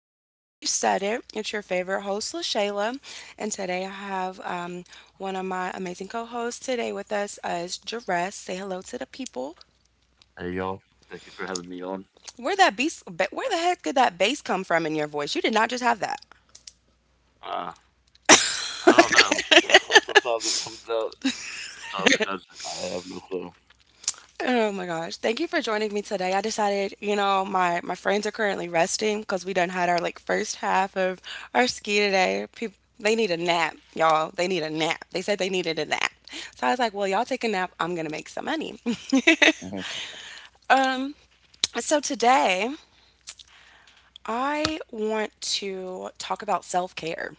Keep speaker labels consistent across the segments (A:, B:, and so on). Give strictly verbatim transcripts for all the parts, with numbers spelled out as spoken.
A: Because We Said It. It's your favorite host, LaShayla, and today I have um, one of my amazing co-hosts today with us uh, is Jerez. Say hello to the people.
B: Hey y'all, thank you for having me on.
A: Where that bass? ba- Where the heck did that bass come from in your voice? You did not just have that.
B: Uh, I don't know. Sometimes it comes out, sometimes it doesn't. I have no clue.
A: Oh my gosh. Thank you for joining me today. I decided, you know, my my friends are currently resting because we done had our like first half of our ski today. People they need a nap, y'all. They need a nap. They said they needed a nap. So I was like, well, y'all take a nap. I'm gonna make some money.
B: Hmm.
A: So today I want to talk about self-care.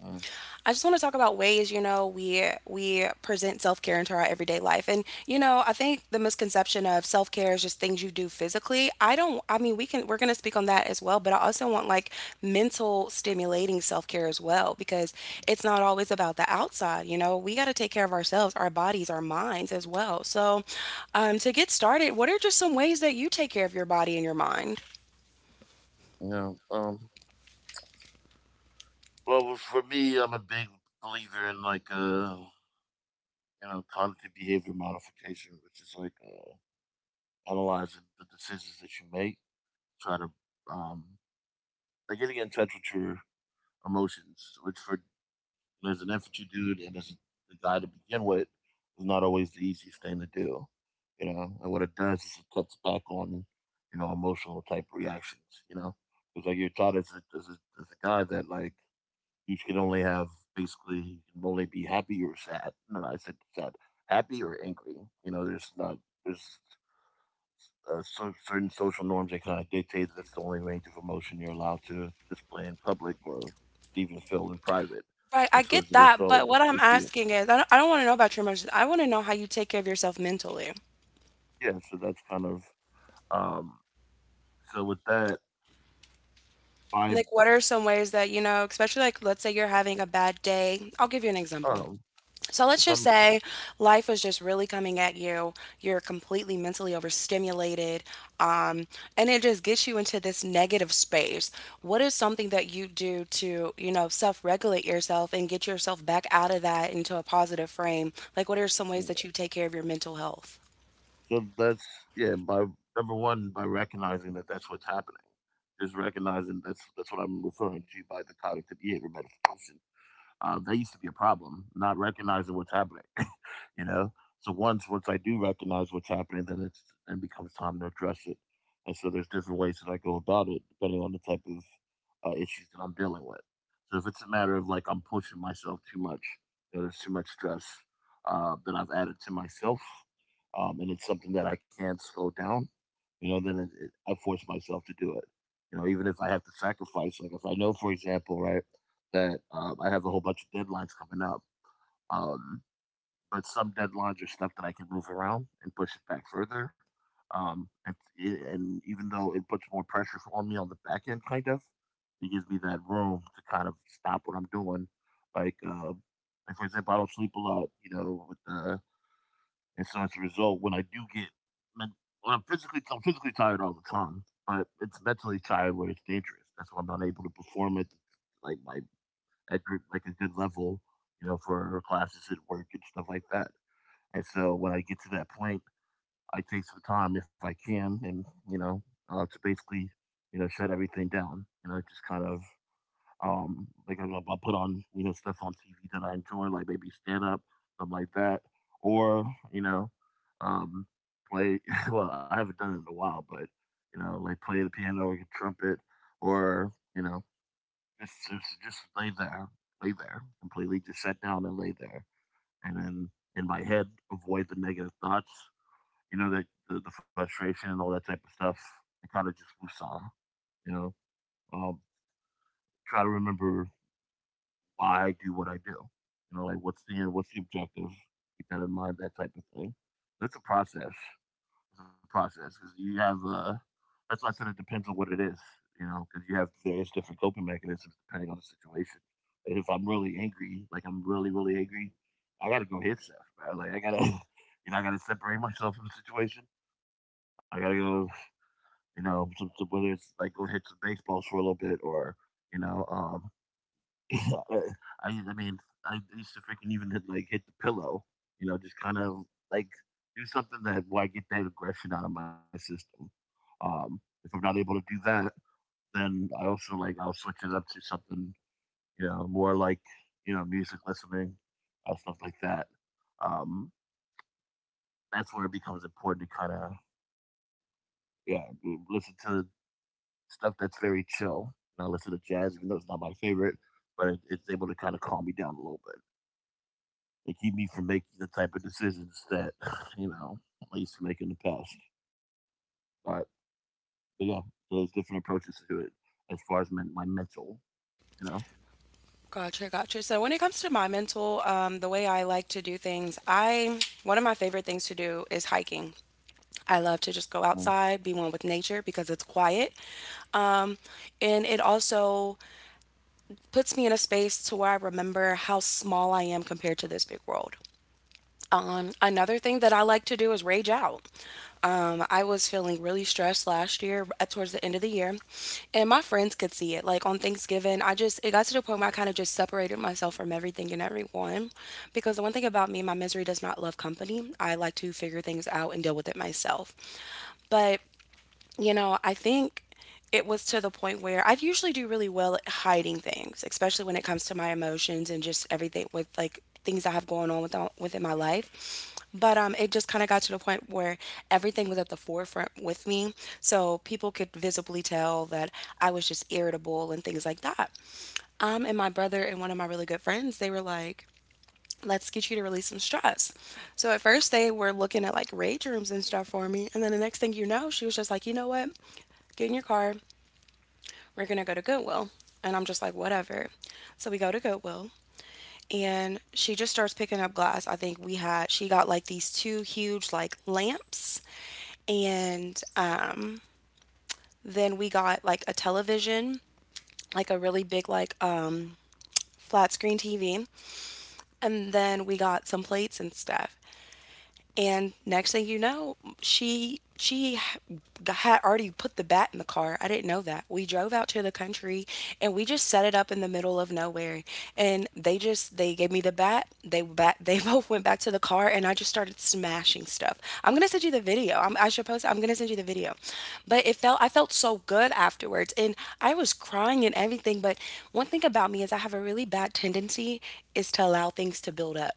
B: Uh,
A: I just want to talk about ways, you know, we we present self-care into our everyday life. And you know, I think the misconception of self-care is just things you do physically. I don't I mean, we can we're going to speak on that as well, but I also want like mental stimulating self-care as well because it's not always about the outside, you know. We got to take care of ourselves, our bodies, our minds as well. So, um to get started, what are just some ways that you take care of your body and your mind?
B: yeah. Um. Well, for me, I'm a big believer in like uh, you know, cognitive behavior modification, which is like uh, analyzing the decisions that you make, try to um, like getting in touch with your emotions, which for And as an infantry dude and as the guy to begin with, was not always the easiest thing to do. You know, and what it does is it cuts back on, you know, emotional type reactions. You know, because like you're taught as a, as a as a guy that like you can only have basically you can only be happy or sad. No, I said sad, happy or angry. You know, there's not there's uh, so, certain social norms that kind of dictate that's the only range of emotion you're allowed to display in public or even feel in private.
A: Right, I
B: And so
A: get
B: as a
A: that,
B: result,
A: but what
B: they
A: I'm
B: create,
A: asking is, I don't, I don't want to know about your emotions. I want to know how you take care of yourself mentally.
B: yeah, so that's kind of, um, so with that, by,
A: Like, what are some ways that, you know, especially like, let's say you're having a bad day. I'll give you an example.
B: um,
A: So let's
B: if
A: just
B: I'm,
A: say life is just really coming at you. You're completely mentally overstimulated, um, and it just gets you into this negative space. What is something that you do to, you know, self-regulate yourself and get yourself back out of that into a positive frame? Like, what are some ways that you take care of your mental health?
B: so that's, yeah, by Number one, by recognizing that that's what's happening, just recognizing that's, that's what I'm referring to by the cognitive behavior modification. Uh, that used to be a problem, not recognizing what's happening, you know. So once once I do recognize what's happening, then it's it becomes time to address it. And so there's different ways that I go about it depending on the type of uh, issues that I'm dealing with. So if it's a matter of like I'm pushing myself too much, you know, there's too much stress uh, that I've added to myself, um, and it's something that I can't slow down, you know, then it, it, I force myself to do it. You know, even if I have to sacrifice, like if I know, for example, right that um, I have a whole bunch of deadlines coming up. Um, but some deadlines are stuff that I can move around and push it back further. Um, and, and even though it puts more pressure on me on the back end, kind of, it gives me that room to kind of stop what I'm doing. Like, uh, like for example, I don't sleep a lot, you know, with the, and so as a result, when I do get, men- when I'm physically, I'm physically tired all the time, but it's mentally tired where it's dangerous. That's why I'm not able to perform at like my at group like a good level, you know, for classes at work and stuff like that. And so when I get to that point, I take some time if I can, and you know, uh, to basically, you know, shut everything down. You know, just kind of um, like I, will put on you know stuff on T V that I enjoy, like maybe stand up, something like that, or you know, um, play. Well, I haven't done it in a while, but you know, like play the piano or the trumpet, or you know. Just, just, just lay there, lay there, completely just sit down and lay there, and then in my head avoid the negative thoughts. You know, the the, the frustration and all that type of stuff. And kind of just woosah. You know, um, try to remember why I do what I do. You know, like what's the what's the objective? Keep that in mind. That type of thing. That's a process. It's a process because you have uh that's why I said it depends on what it is, you know, because you have various different coping mechanisms depending on the situation. And if I'm really angry, like I'm really really angry, I gotta go hit stuff, bro. Like I gotta, you know, I gotta separate myself from the situation. I gotta go, you know, some, some, whether it's like go hit some baseballs for a little bit or, you know, um, I I mean, I used to freaking even hit, like hit the pillow, you know, just kind of like do something that where I get that aggression out of my system. Um, if I'm not able to do that, then I also like I'll switch it up to something, you know, more like you know music listening, uh, stuff like that. Um, that's where it becomes important to kind of yeah listen to stuff that's very chill. And I listen to jazz, even though it's not my favorite, but it, it's able to kind of calm me down a little and keep me from making the type of decisions that you know I used to make in the past. But, but yeah, so there's different approaches to it as far as my, my mental, you know.
A: Gotcha, gotcha. So when it comes to my mental, um, the way I like to do things, I one of my favorite things to do is hiking. I love to just go outside, be one with nature because it's quiet. Um, and it also puts me in a space to where I remember how small I am compared to this big world. Um, another thing that I like to do is rage out. Um, I was feeling really stressed last year at towards the end of the year, and my friends could see it. Like on Thanksgiving, I just it got to the point where I kind of just separated myself from everything and everyone, because the one thing about me, my misery does not love company. I like to figure things out and deal with it myself. But you know, I think it was to the point where I usually do really well at hiding things, especially when it comes to my emotions and just everything with like things I have going on with uh, within my life. But um, it just kind of got to the point where everything was at the forefront with me, so people could visibly tell that I was just irritable and things like that. Um, and my brother and one of my really good friends, they were like, let's get you to release some stress. So at first they were looking at like rage rooms and stuff for me. And then the next thing you know, she was just like, you know what? Get in your car. We're going to go to Goodwill. And I'm just like, whatever. So we go to Goodwill and she just starts picking up glass. I think we had, she got like these two huge like lamps. And um, then we got like a television, like a really big, like, um, flat screen T V. And then we got some plates and stuff. And next thing you know, she she had already put the bat in the car. I didn't know that. We drove out to the country and we just set it up in the middle of nowhere. And they just they gave me the bat. They bat they both went back to the car and I just started smashing stuff. I'm gonna send you the video. I'm, I should post. I'm gonna send you the video. But it felt I felt so good afterwards and I was crying and everything. But one thing about me is I have a really bad tendency is to allow things to build up.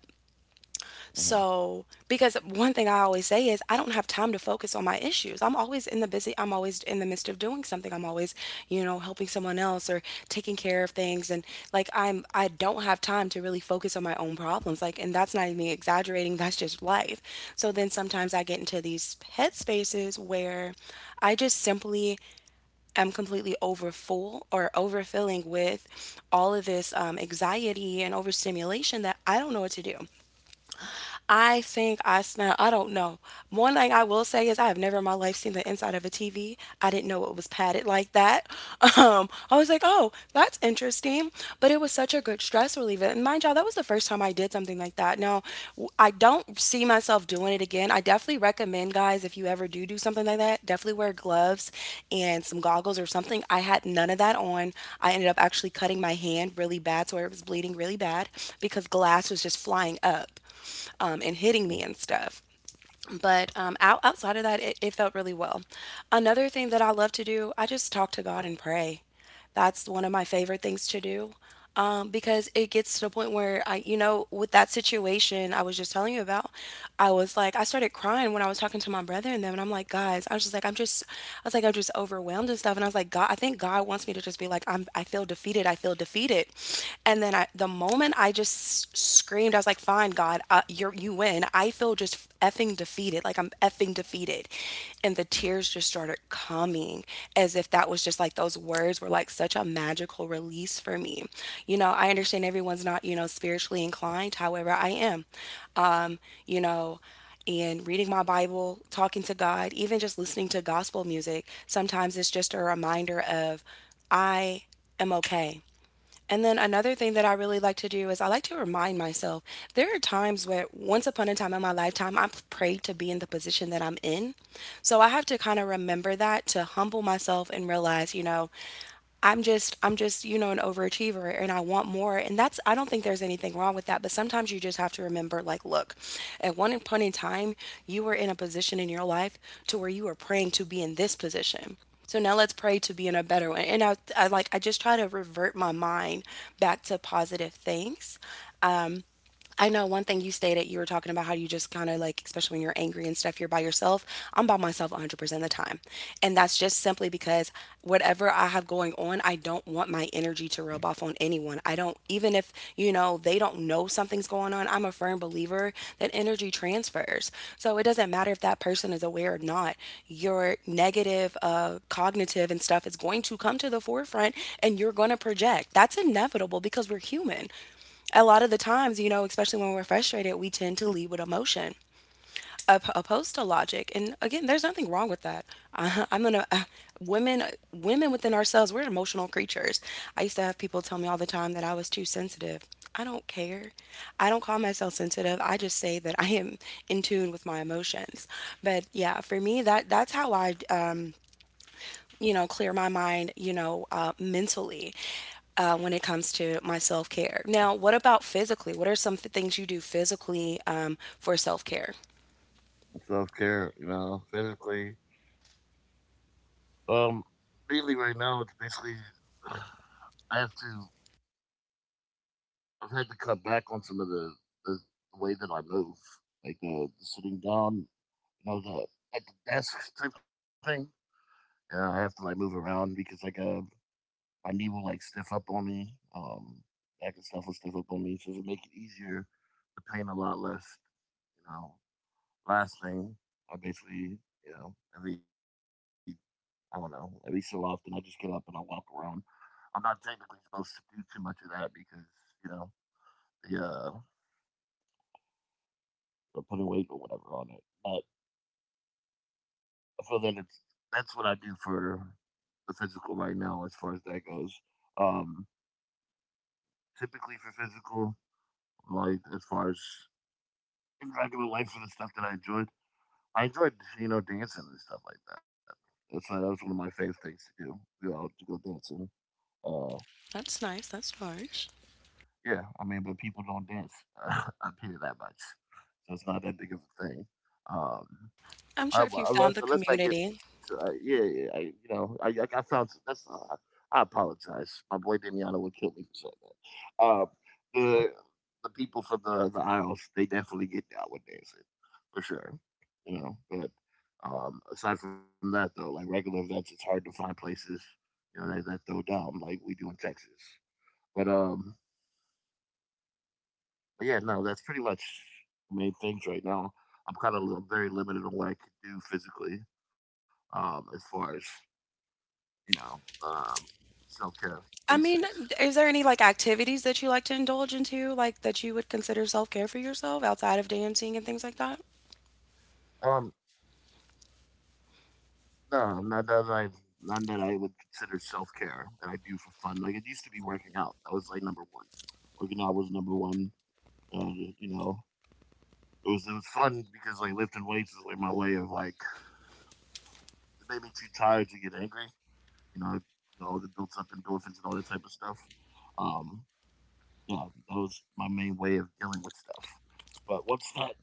B: Mm-hmm.
A: So, because one thing I always say is I don't have time to focus on my issues. I'm always in the busy, I'm always in the midst of doing something. I'm always, you know, helping someone else or taking care of things and like I'm I don't have time to really focus on my own problems. Like and that's not even me exaggerating, that's just life. So then sometimes I get into these head spaces where I just simply am completely overfull or overfilling with all of this um, anxiety and overstimulation that I don't know what to do. I think I smell, I don't know. One thing I will say is I have never in my life seen the inside of a T V. I didn't know it was padded like that. Um, I was like, oh, that's interesting. But it was such a good stress reliever. And mind y'all, that was the first time I did something like that. Now, w- I don't see myself doing it again. I definitely recommend, guys, if you ever do do something like that, definitely wear gloves and some goggles or something. I had none of that on. I ended up actually cutting my hand really bad to where it was bleeding really bad because glass was just flying up um, and hitting me and stuff. But um, out, outside of that, it, it felt really well. Another thing that I love to do, I just talk to God and pray. That's one of my favorite things to do um, because it gets to the point where I, you know, with that situation I was just telling you about, I was like, I started crying when I was talking to my brother and them, and I'm like, guys, I was just like, I'm just, I was like, I'm just overwhelmed and stuff, and I was like, God, I think God wants me to just just be like, I'm, I feel defeated. I feel defeated. And then I, the moment I just screamed, I was like, fine, God, uh, you're, you win. I feel just effing defeated. Like I'm effing defeated. And the tears just started coming as if that was just like those words were like such a magical release for me. You know, I understand everyone's not, you know, spiritually inclined. However, I am. Um, you know, and reading my Bible, talking to God, even just listening to gospel music. Sometimes it's just a reminder of I am okay. And then another thing that I really like to do is I like to remind myself there are times where once upon a time in my lifetime I prayed to be in the position that I'm in. So I have to kind of remember that to humble myself and realize, you know, I'm just I'm just, you know, an overachiever and I want more. And that's I don't think there's anything wrong with that, but sometimes you just have to remember like, look, at one point in time, you were in a position in your life to where you were praying to be in this position. So now let's pray to be in a better one, and I, I like I just try to revert my mind back to positive things. I know one thing you stated, you were talking about how you just kind of like, especially when you're angry and stuff, you're by yourself. I'm by myself one hundred percent of the time. And that's just simply because whatever I have going on, I don't want my energy to rub off on anyone. I don't, even if, you know, they don't know something's going on, I'm a firm believer that energy transfers. So it doesn't matter if that person is aware or not, your negative, uh, cognitive and stuff is going to come to the forefront and you're going to project. That's inevitable because we're human a lot of the times, you know, especially when we're frustrated, we tend to lead with emotion op- opposed to logic. And again, there's nothing wrong with that. Uh, I'm gonna uh, women women within ourselves, we're emotional creatures. I used to have people tell me all the time that I was too sensitive. I don't care. I don't call myself sensitive. I just say that I am in tune with my emotions. But yeah, for me, that that's how I, um, you know, clear my mind, you know, uh, mentally uh, when it comes to my self care. Now, what about physically? What are some f- things you do physically um, for self care?
B: Self care, you know, physically. Um, Mainly right now, it's basically I have to I've had to cut back on some of the the, the way that I move, like the, the sitting down, you know, the at the desk type thing. Yeah, I have to like move around because like uh, my knee will like stiff up on me. Um, back and stuff will stiff up on me. So it'll make it easier. The pain a lot less. You know. Last thing, I basically, you know, every I don't know, every so often I just get up and I walk around. I'm not technically supposed to do too much of that because you know the uh, the putting weight or whatever on it. But so then it's that's what I do for the physical right now as far as that goes. Um, Typically for physical, like as far as in regular life for the stuff that I enjoyed. I enjoyed, you know, dancing and stuff like that. That's uh, that was one of my favorite things to do. You know, to go dancing. Uh,
A: That's nice. That's nice.
B: yeah, I mean, but people don't dance up here that much, so it's not that big of a thing. Um,
A: I'm
B: I,
A: sure if
B: w-
A: you found
B: unless
A: the
B: Unless I get to
A: community.
B: uh, yeah, yeah I, you know I I I found that's uh, I apologize. My boy Damiano would kill me for saying that. uh the the people from the the aisles they definitely get down with dancing for sure. You know, but um, aside from that though, like regular events, it's hard to find places you know that, that throw down like we do in Texas. But um, but yeah, no, that's pretty much the main things right now. I'm kind of very limited on what I can do physically um, as far as you know, um, self-care, at
A: I
B: least
A: mean,
B: it
A: is there any like activities that you like to indulge into, like that you would consider self care for yourself outside of dancing and things like that?
B: um, no, not that I none that I would consider self-care that I do for fun, like, it used to be working out, that was, like, number one. Working out was number one, and, you know, it was it was fun because, like, lifting weights is, like, my way of, like it made me too tired to get angry, you know, you know, that builds up endorphins and all that type of stuff, um, yeah, that was my main way of dealing with stuff, but once that,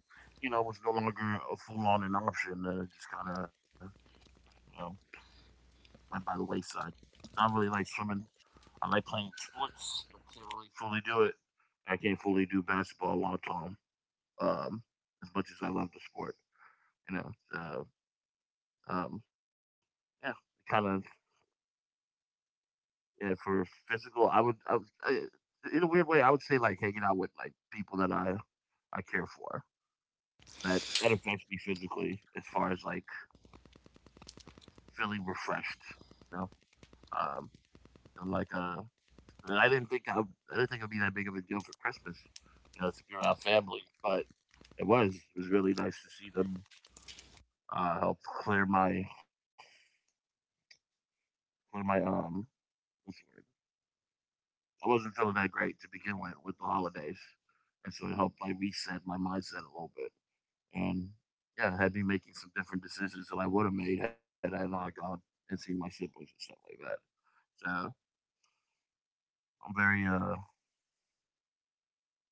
B: you know, was no longer a full-on an option, then it just kinda you know, went by the wayside. So I don't really like swimming. I like playing sports. I can't really fully do it. I can't fully do basketball long term um, as much as I love the sport. You know, so um, yeah, kind of yeah, for physical. I would, I would I, in a weird way, I would say like hanging out with like people that I I care for. That that affects me physically as far as like feeling refreshed. You know, um, and like uh, and I didn't think I w- I didn't think it'd be that big of a deal for Christmas, you know, to be around family. But it was. It was really nice to see them uh, help clear my clear my um. What's the word? I wasn't feeling that great to begin with with the holidays, and so it helped like reset my mindset a little bit. And yeah, it had me making some different decisions that I would have made had I not gone and seen my siblings and stuff like that. So I'm very uh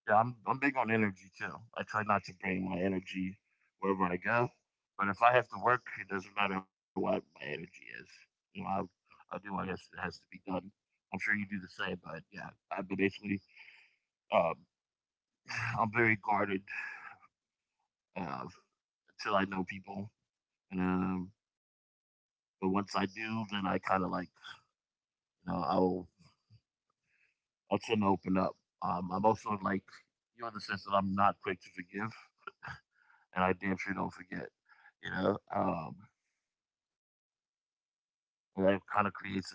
B: Yeah, I'm I'm big on energy too. I try not to bring my energy wherever I go, but if I have to work, it doesn't matter what my energy is. You know, I I do what has has to be done. I'm sure you do the same, but yeah, I but basically um, I'm very guarded uh, until I know people, and um, but once I do, then I kind of like you know I'll I'll tend to open up. Um, I'm also like you in the sense that I'm not quick to forgive, and I damn sure don't forget, you know. Um, and that kind of creates a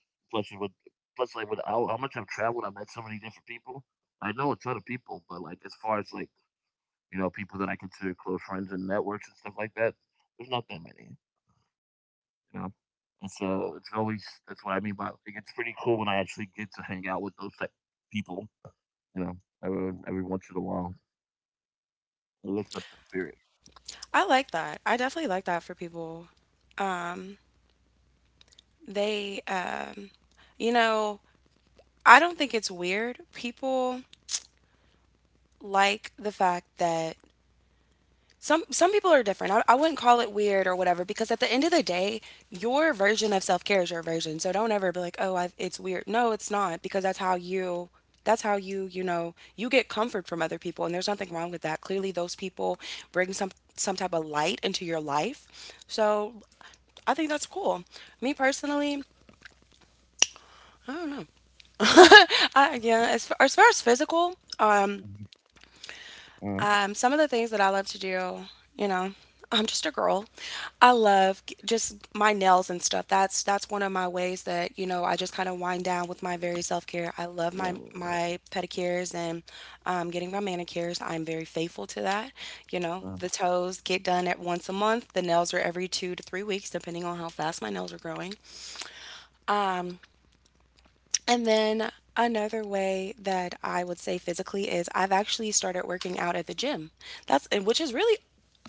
B: plus with plus, like with how, how much I've traveled, I've met so many different people. I know a ton of people, but like as far as like, you know, people that I consider close friends and networks and stuff like that, there's not that many, you know. And so it's always, that's what I mean by, like, it's pretty cool when I actually get to hang out with those type people, you know, every, every once in a while. It lifts up the spirit.
A: I like that. I definitely like that for people. Um, they, uh, you know, I don't think it's weird. People like the fact that Some some people are different. I, I wouldn't call it weird or whatever because at the end of the day, your version of self care is your version. So don't ever be like, oh, I, it's weird. No, it's not because that's how you that's how you you know you get comfort from other people and there's nothing wrong with that. Clearly, those people bring some some type of light into your life. So I think that's cool. Me personally, I, yeah. As, far- as far as physical,
B: Mhm. Mhm.
A: Um, some of the things that I love to do, you know, I'm just a girl. I love g- just my nails and stuff. That's that's one of my ways that you know I just kind of wind down with my very self care. I love my
B: Mhm.
A: my pedicures and um, getting my manicures. I'm very faithful to that. You know, the toes get done at once a month. The nails are every two to three weeks, depending on how fast my nails are growing. And then another way that I would say physically is I've actually started working out at the gym. That's and which is really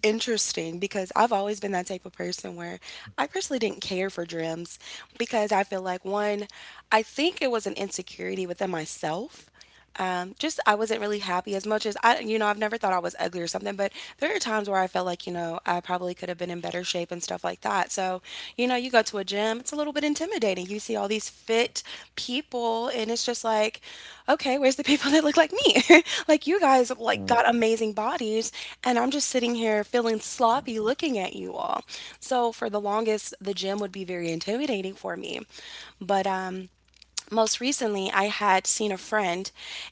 A: interesting because I've always been that type of person where I personally didn't care for gyms because I feel like one, I think it was an insecurity within myself, um, just I wasn't really happy as much as I, you know, I've never thought I was ugly or something, but there are times where I felt like, you know, I probably could have been in better shape and stuff like that. So, you know, you go to a gym, it's a little bit intimidating. You see all these fit people, and it's just like, okay, where's the people that look like me? Like you guys,
B: Mhm. Mhm.
A: like got amazing bodies, and I'm just sitting here feeling sloppy looking at you all. So for the longest, the gym would be very intimidating for me, but um most recently I had seen a friend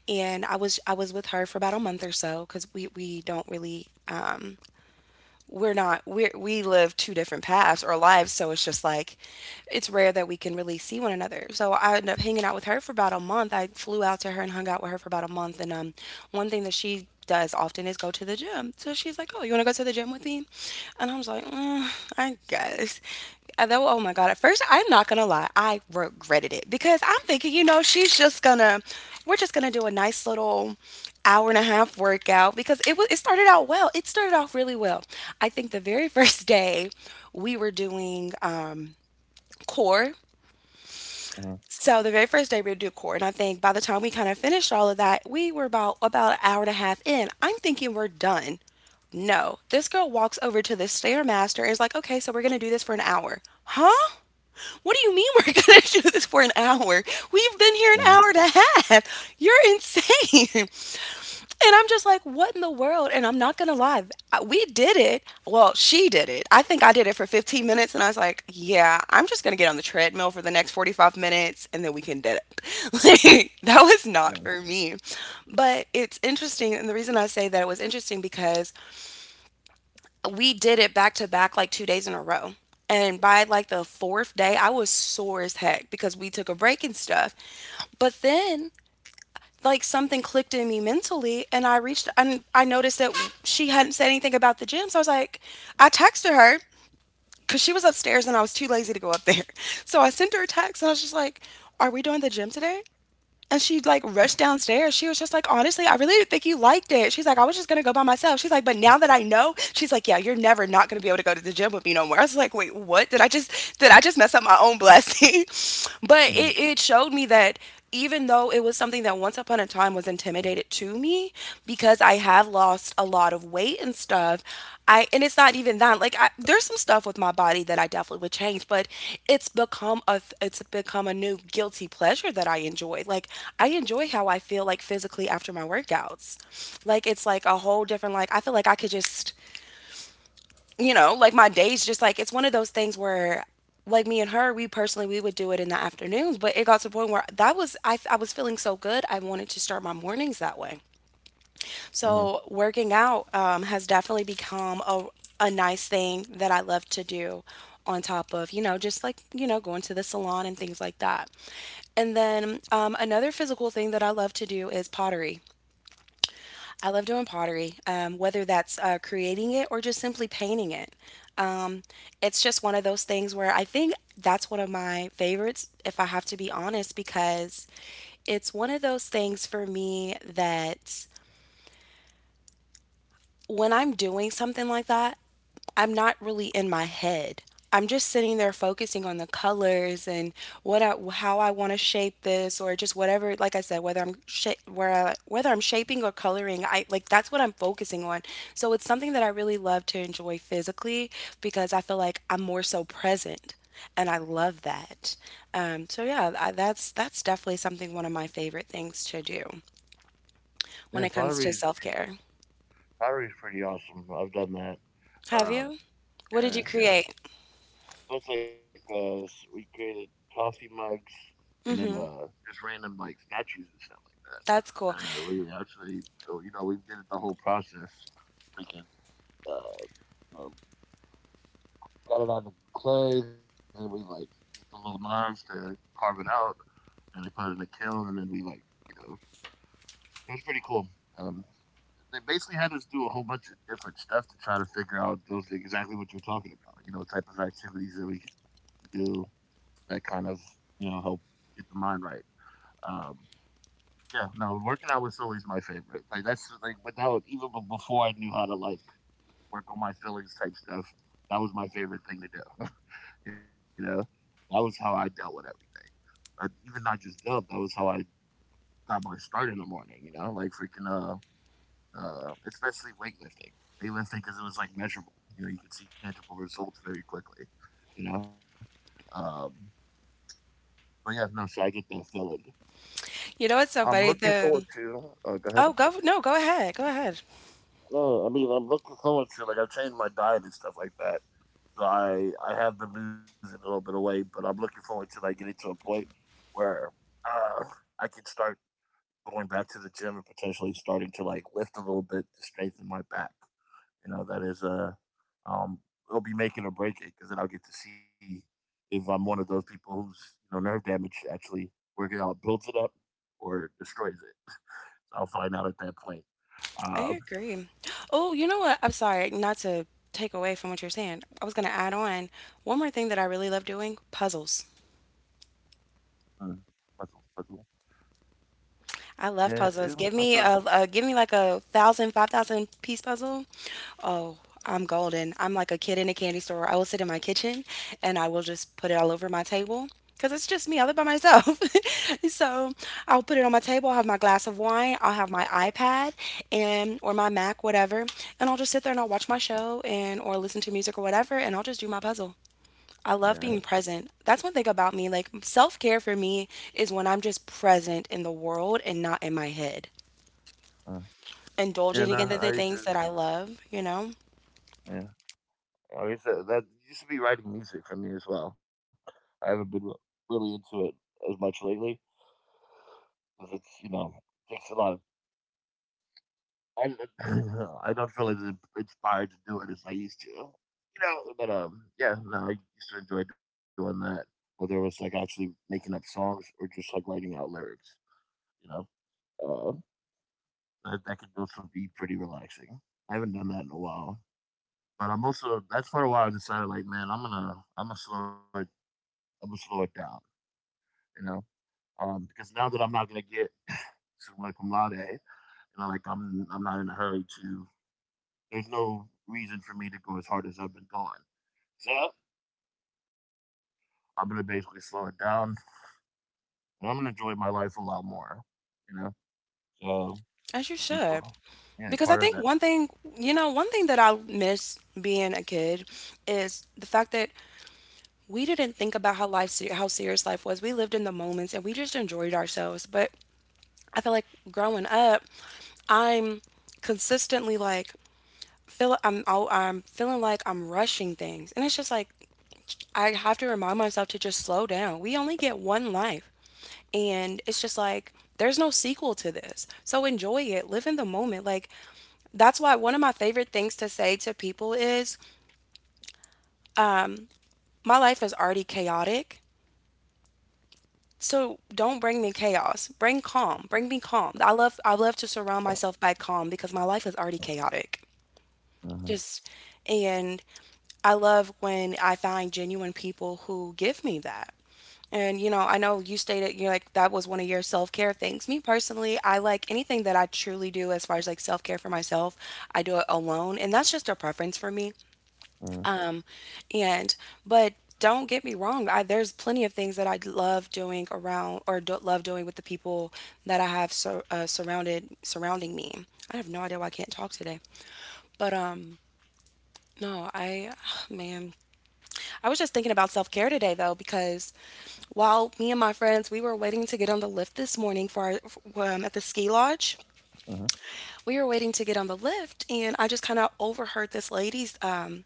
A: and I was I was with her for about a month or so because we we don't really um, we're not we we live two different paths or lives, so it's just like it's rare that we can really see one another. So I ended up hanging out with her for about a month. I flew out to her and hung out with her for about a month. And um One thing that she does often is go to the gym. So she's like, oh, you want to go to the gym with me? And I was like, "Mm, I guess." and though Oh my god, at first I'm not gonna lie, I regretted it because I'm thinking, you know, she's just gonna we're just gonna do a nice little hour and a half workout. Because it was it started out well. It started off really well. I think the very first day we were doing um core.
B: Mhm.
A: So the very first day we would do core, and I think by the time we kind of finished all of that, we were about about an hour and a half in. I'm thinking we're done. No, this girl walks over to the stairmaster and is like, "Okay, so we're gonna do this for an hour, huh?" What do you mean we're gonna do this for an hour? We've been
B: Mhm.
A: here an hour and a half. You're insane. And I'm just like, what in the world? And I'm not going to lie. I- We did it. Well, she did it. I think I did it for fifteen minutes. And I was like, yeah, I'm just going to get on the treadmill for the next forty-five minutes and then we can do it. Like, that was not for me. But it's interesting. And the reason I say that it was interesting because we did it back to back like two days in a row. And by like the fourth day, I was sore as heck because we took a break and stuff. But then like something clicked in me mentally, and I reached and I noticed that she hadn't said anything about the gym. So I was like, I texted her because she was upstairs and I was too lazy to go up there. So I sent her a text and I was just like, are we doing the gym today? And she like rushed downstairs. She was just like, honestly, I really didn't think you liked it. She's like, I was just gonna go by myself. She's like, but now that I know, she's like, yeah, you're never not gonna be able to go to the gym with me no more. I was like, wait, what? Did I just did I just mess up my own blessing?
B: Mhm.
A: But it, it showed me that even though it was something that once upon a time was
B: Mhm.
A: intimidated to me, because I have lost a lot of weight and stuff. I and It's not even that. Like I, there's some stuff with my body that I definitely would change, but it's become a th- it's become a new guilty pleasure that I enjoy. Like I enjoy how I feel like physically after my workouts. Like it's like a whole different, like I feel like I could just, you know, like my days just like it's one of those things where like me and her, we personally we would do it in the afternoons, but it got to the point where that was I, I was feeling so good, I wanted to start my mornings that way.
B: Mhm.
A: So, working out um, has definitely become a, a nice thing that I love to do on top of, you know, just like, you know, going to the salon and things like that. And then um, another physical thing that I love to do is pottery. I love doing pottery, um, whether that's uh, creating it or just simply painting it. Um, it's just one of those things where I think that's one of my favorites, if I have to be honest, because it's one of those things for me that when I'm doing something like that, I'm not really in my head. I'm just sitting there focusing on the colors and what I, how I want to shape this or just whatever. Like I said, whether I'm sha- where I, whether I'm shaping or coloring, I like that's what I'm focusing on. So it's something that I really love to enjoy physically because I feel like I'm more so present and I love that. Um, so yeah, I, that's that's definitely something, one of my favorite things to do
B: Yeah,
A: when it comes
B: pottery.
A: to self-care.
B: Pottery's pretty awesome. I've done that.
A: Have
B: Um,
A: you? What did you
B: yeah, yeah.
A: create?
B: That's like, uh, s- we created coffee mugs and then,
A: Mhm.
B: uh, just random like statues and stuff like that.
A: That's cool.
B: And uh, we actually, oh, you know, we did it the whole process. We can, uh, um, got it on the clay, then we like used the little knives to carve it out, and we put it in the kiln, and then we like, you know, it was pretty cool. Um, they basically had us do a whole bunch of different stuff to try to figure out those exactly what you're talking about. You know, type of activities that we can do that kind of, you know, help get the mind right. Um, yeah, no, working out was always my favorite. Like that's like, without even before I knew how to like work on my feelings type stuff. That was my favorite thing to do. You know, that was how I dealt with everything. Or even not just dealt. That was how I got my start in the morning. You know, like freaking uh, uh, especially weightlifting. Weightlifting, because it was like measurable. You know, you could see tangible results very quickly. You know, um, but yeah, no. So I get that feeling.
A: You know what's
B: I'm
A: so funny?
B: looking forward
A: The
B: to. Uh, go ahead.
A: oh, go no, go ahead, go ahead.
B: No, I mean I'm looking forward to, like, I've changed my diet and stuff like that. So I I have been losing a little bit of weight, but I'm looking forward to like getting to a point where uh, I can start going back to the gym and potentially starting to like lift a little bit to strengthen my back. You know, that is uh um it'll be making or breaking, because then I'll get to see if I'm one of those people who's, you know, nerve damage actually working out builds it up or destroys it. So I'll find out at that point.
A: I
B: Uh,
A: agree. Oh, you know what? I'm sorry, not to take away from what you're saying. I was gonna add on one more thing that I really love doing: puzzles.
B: mm, puzzle, puzzle. Yeah,
A: I love
B: yeah, I've
A: puzzles. Give
B: done.
A: me a, a give me like a thousand, five thousand piece puzzle. Oh, I'm golden. I'm like a kid in a candy store. I will sit in my kitchen and I will just put it all over my table because it's just me. I live by myself. So I'll put it on my table. I'll have my glass of wine. I'll have my iPad and or my Mac, whatever. And I'll just sit there and I'll watch my show and or listen to music or whatever. And I'll just do my puzzle. I love
B: Yeah,
A: being present. That's one thing about me. Like self care for me is when I'm just present in the world and not in my head.
B: uh, yeah. No,
A: Indulging in the
B: I
A: things
B: just
A: that I love, you know,
B: yeah. Like I guess that, that used to be writing music for me as well. I haven't been re- really into it as much lately, because it's, you know, takes a lot of I I don't feel as in- inspired to do it as I used to, you know. But um, yeah, no, I used to enjoy doing that, whether it was like actually making up songs or just like writing out lyrics, you know. Uh, that, that could also be pretty relaxing. I haven't done that in a while, but I'm also that's part of why I decided like, man, I'm gonna I'm gonna slow it I'm gonna slow it down, you know. Um, because now that I'm not gonna get some like cum laude, you know, like I'm I'm not in a hurry to, there's no reason for me to go as hard as I've been going. So I'm gonna basically slow it down, and I'm gonna enjoy my life a lot more. You know, so
A: as you
B: and
A: should.
B: yeah,
A: Because I
B: part of
A: think
B: that.
A: one thing, you know, one thing that I miss being a kid is the fact that we didn't think about how life, se- how serious life was. We lived in the moments and we just enjoyed ourselves. But I feel like growing up, I'm consistently like feel I'm oh, I'm feeling like I'm rushing things, and it's just like I have to remind myself to just slow down. We only get one life, and it's just like there's no sequel to this. So enjoy it, live in the moment. Like that's why one of my favorite things to say to people is my life is already chaotic. So don't bring me chaos. Bring calm. Bring me calm. I love I love to surround myself by calm because my life is already chaotic.
B: Uh
A: Just and I love when I find genuine people who give me that. And you know, I know you stated you're like that was one of your self-care things. Me personally, I like anything that I truly do as far as like self-care for myself, I do it alone, and that's just a preference for me.
B: Uh huh.
A: Um, and but don't get me wrong, I there's plenty of things that I love doing around or do, love doing with the people that I have sur uh, surrounded surrounding me. I have no idea why I can't talk today. But um No, I man, I was just thinking about self-care today though because while me and my friends we were waiting to get on the lift this morning for our f- um, at the ski lodge,
B: Huh. Mhm,
A: we were waiting to get on the lift and I just kind of overheard this lady's um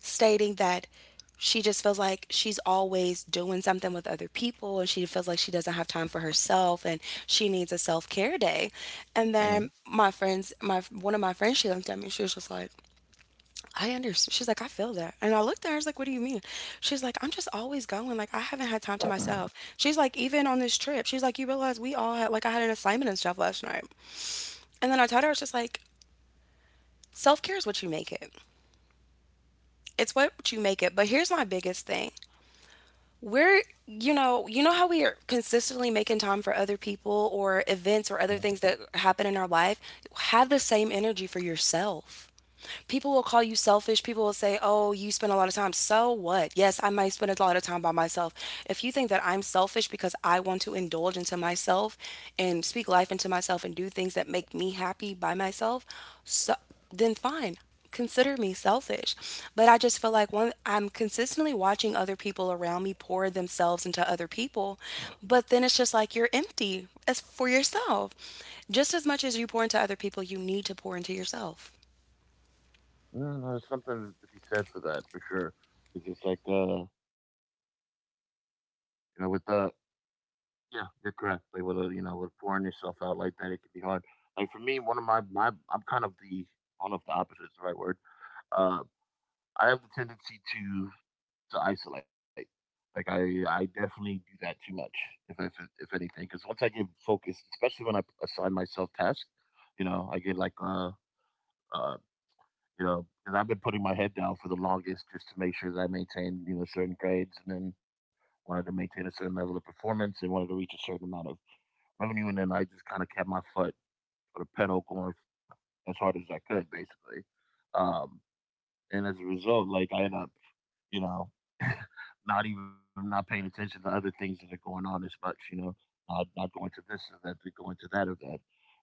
A: stating that she just feels like she's always doing something with other people and she feels like she doesn't have time for herself and she needs a self-care day.
B: mhm,
A: And
B: mhm,
A: then my friends, my one of my friends, she looked at me. She was just like, "I understand." She's like, "I feel that." And I looked at her. I was like, "What do you mean?" She's like, "I'm just always going. Like I haven't
B: mhm,
A: had time to
B: mhm.
A: myself." She's like, "Even on this trip, she's like, you realize we all had like I had an assignment and stuff last night." And then I told her, I was just like, "Self-care is what you make it." It's what you make it. But here's my biggest thing. We're you know you know how we are consistently making time for other people or events or other things that happen in our life, have the same energy for yourself. People will call you selfish. People will say, oh, you spend a lot of time. So what? Yes, I might spend a lot of time by myself. If you think that I'm selfish because I want to indulge into myself and speak life into myself and do things that make me happy by myself, so then fine, consider me selfish, but I just feel like one I'm consistently watching other people around me pour themselves into other people, but then it's just like you're empty as for yourself. Just as much as you pour into other people, you need to pour into yourself.
B: Yeah, there's something to be said for that for sure. It's just like uh, you know, with the yeah, you're correct. Like with a, you know, with pouring yourself out like that, it can be hard. Like for me, one of my my I'm kind of the I don't know if the opposite is the right word. Uh, I have the tendency to to isolate. Like I, I definitely do that too much, if if, if anything, because once I get focused, especially when I assign myself tasks, you know, I get like uh, uh you know, because I've been putting my head down for the longest just to make sure that I maintain, you know, certain grades, and then wanted to maintain a certain level of performance and wanted to reach a certain amount of revenue, and then I just kind of kept my foot or the pedal going as hard as I could, basically. Um, and as a result, like I ended up, you know, not even not paying attention to other things that are going on as much, you know, not, not going to this or that, going to that or that.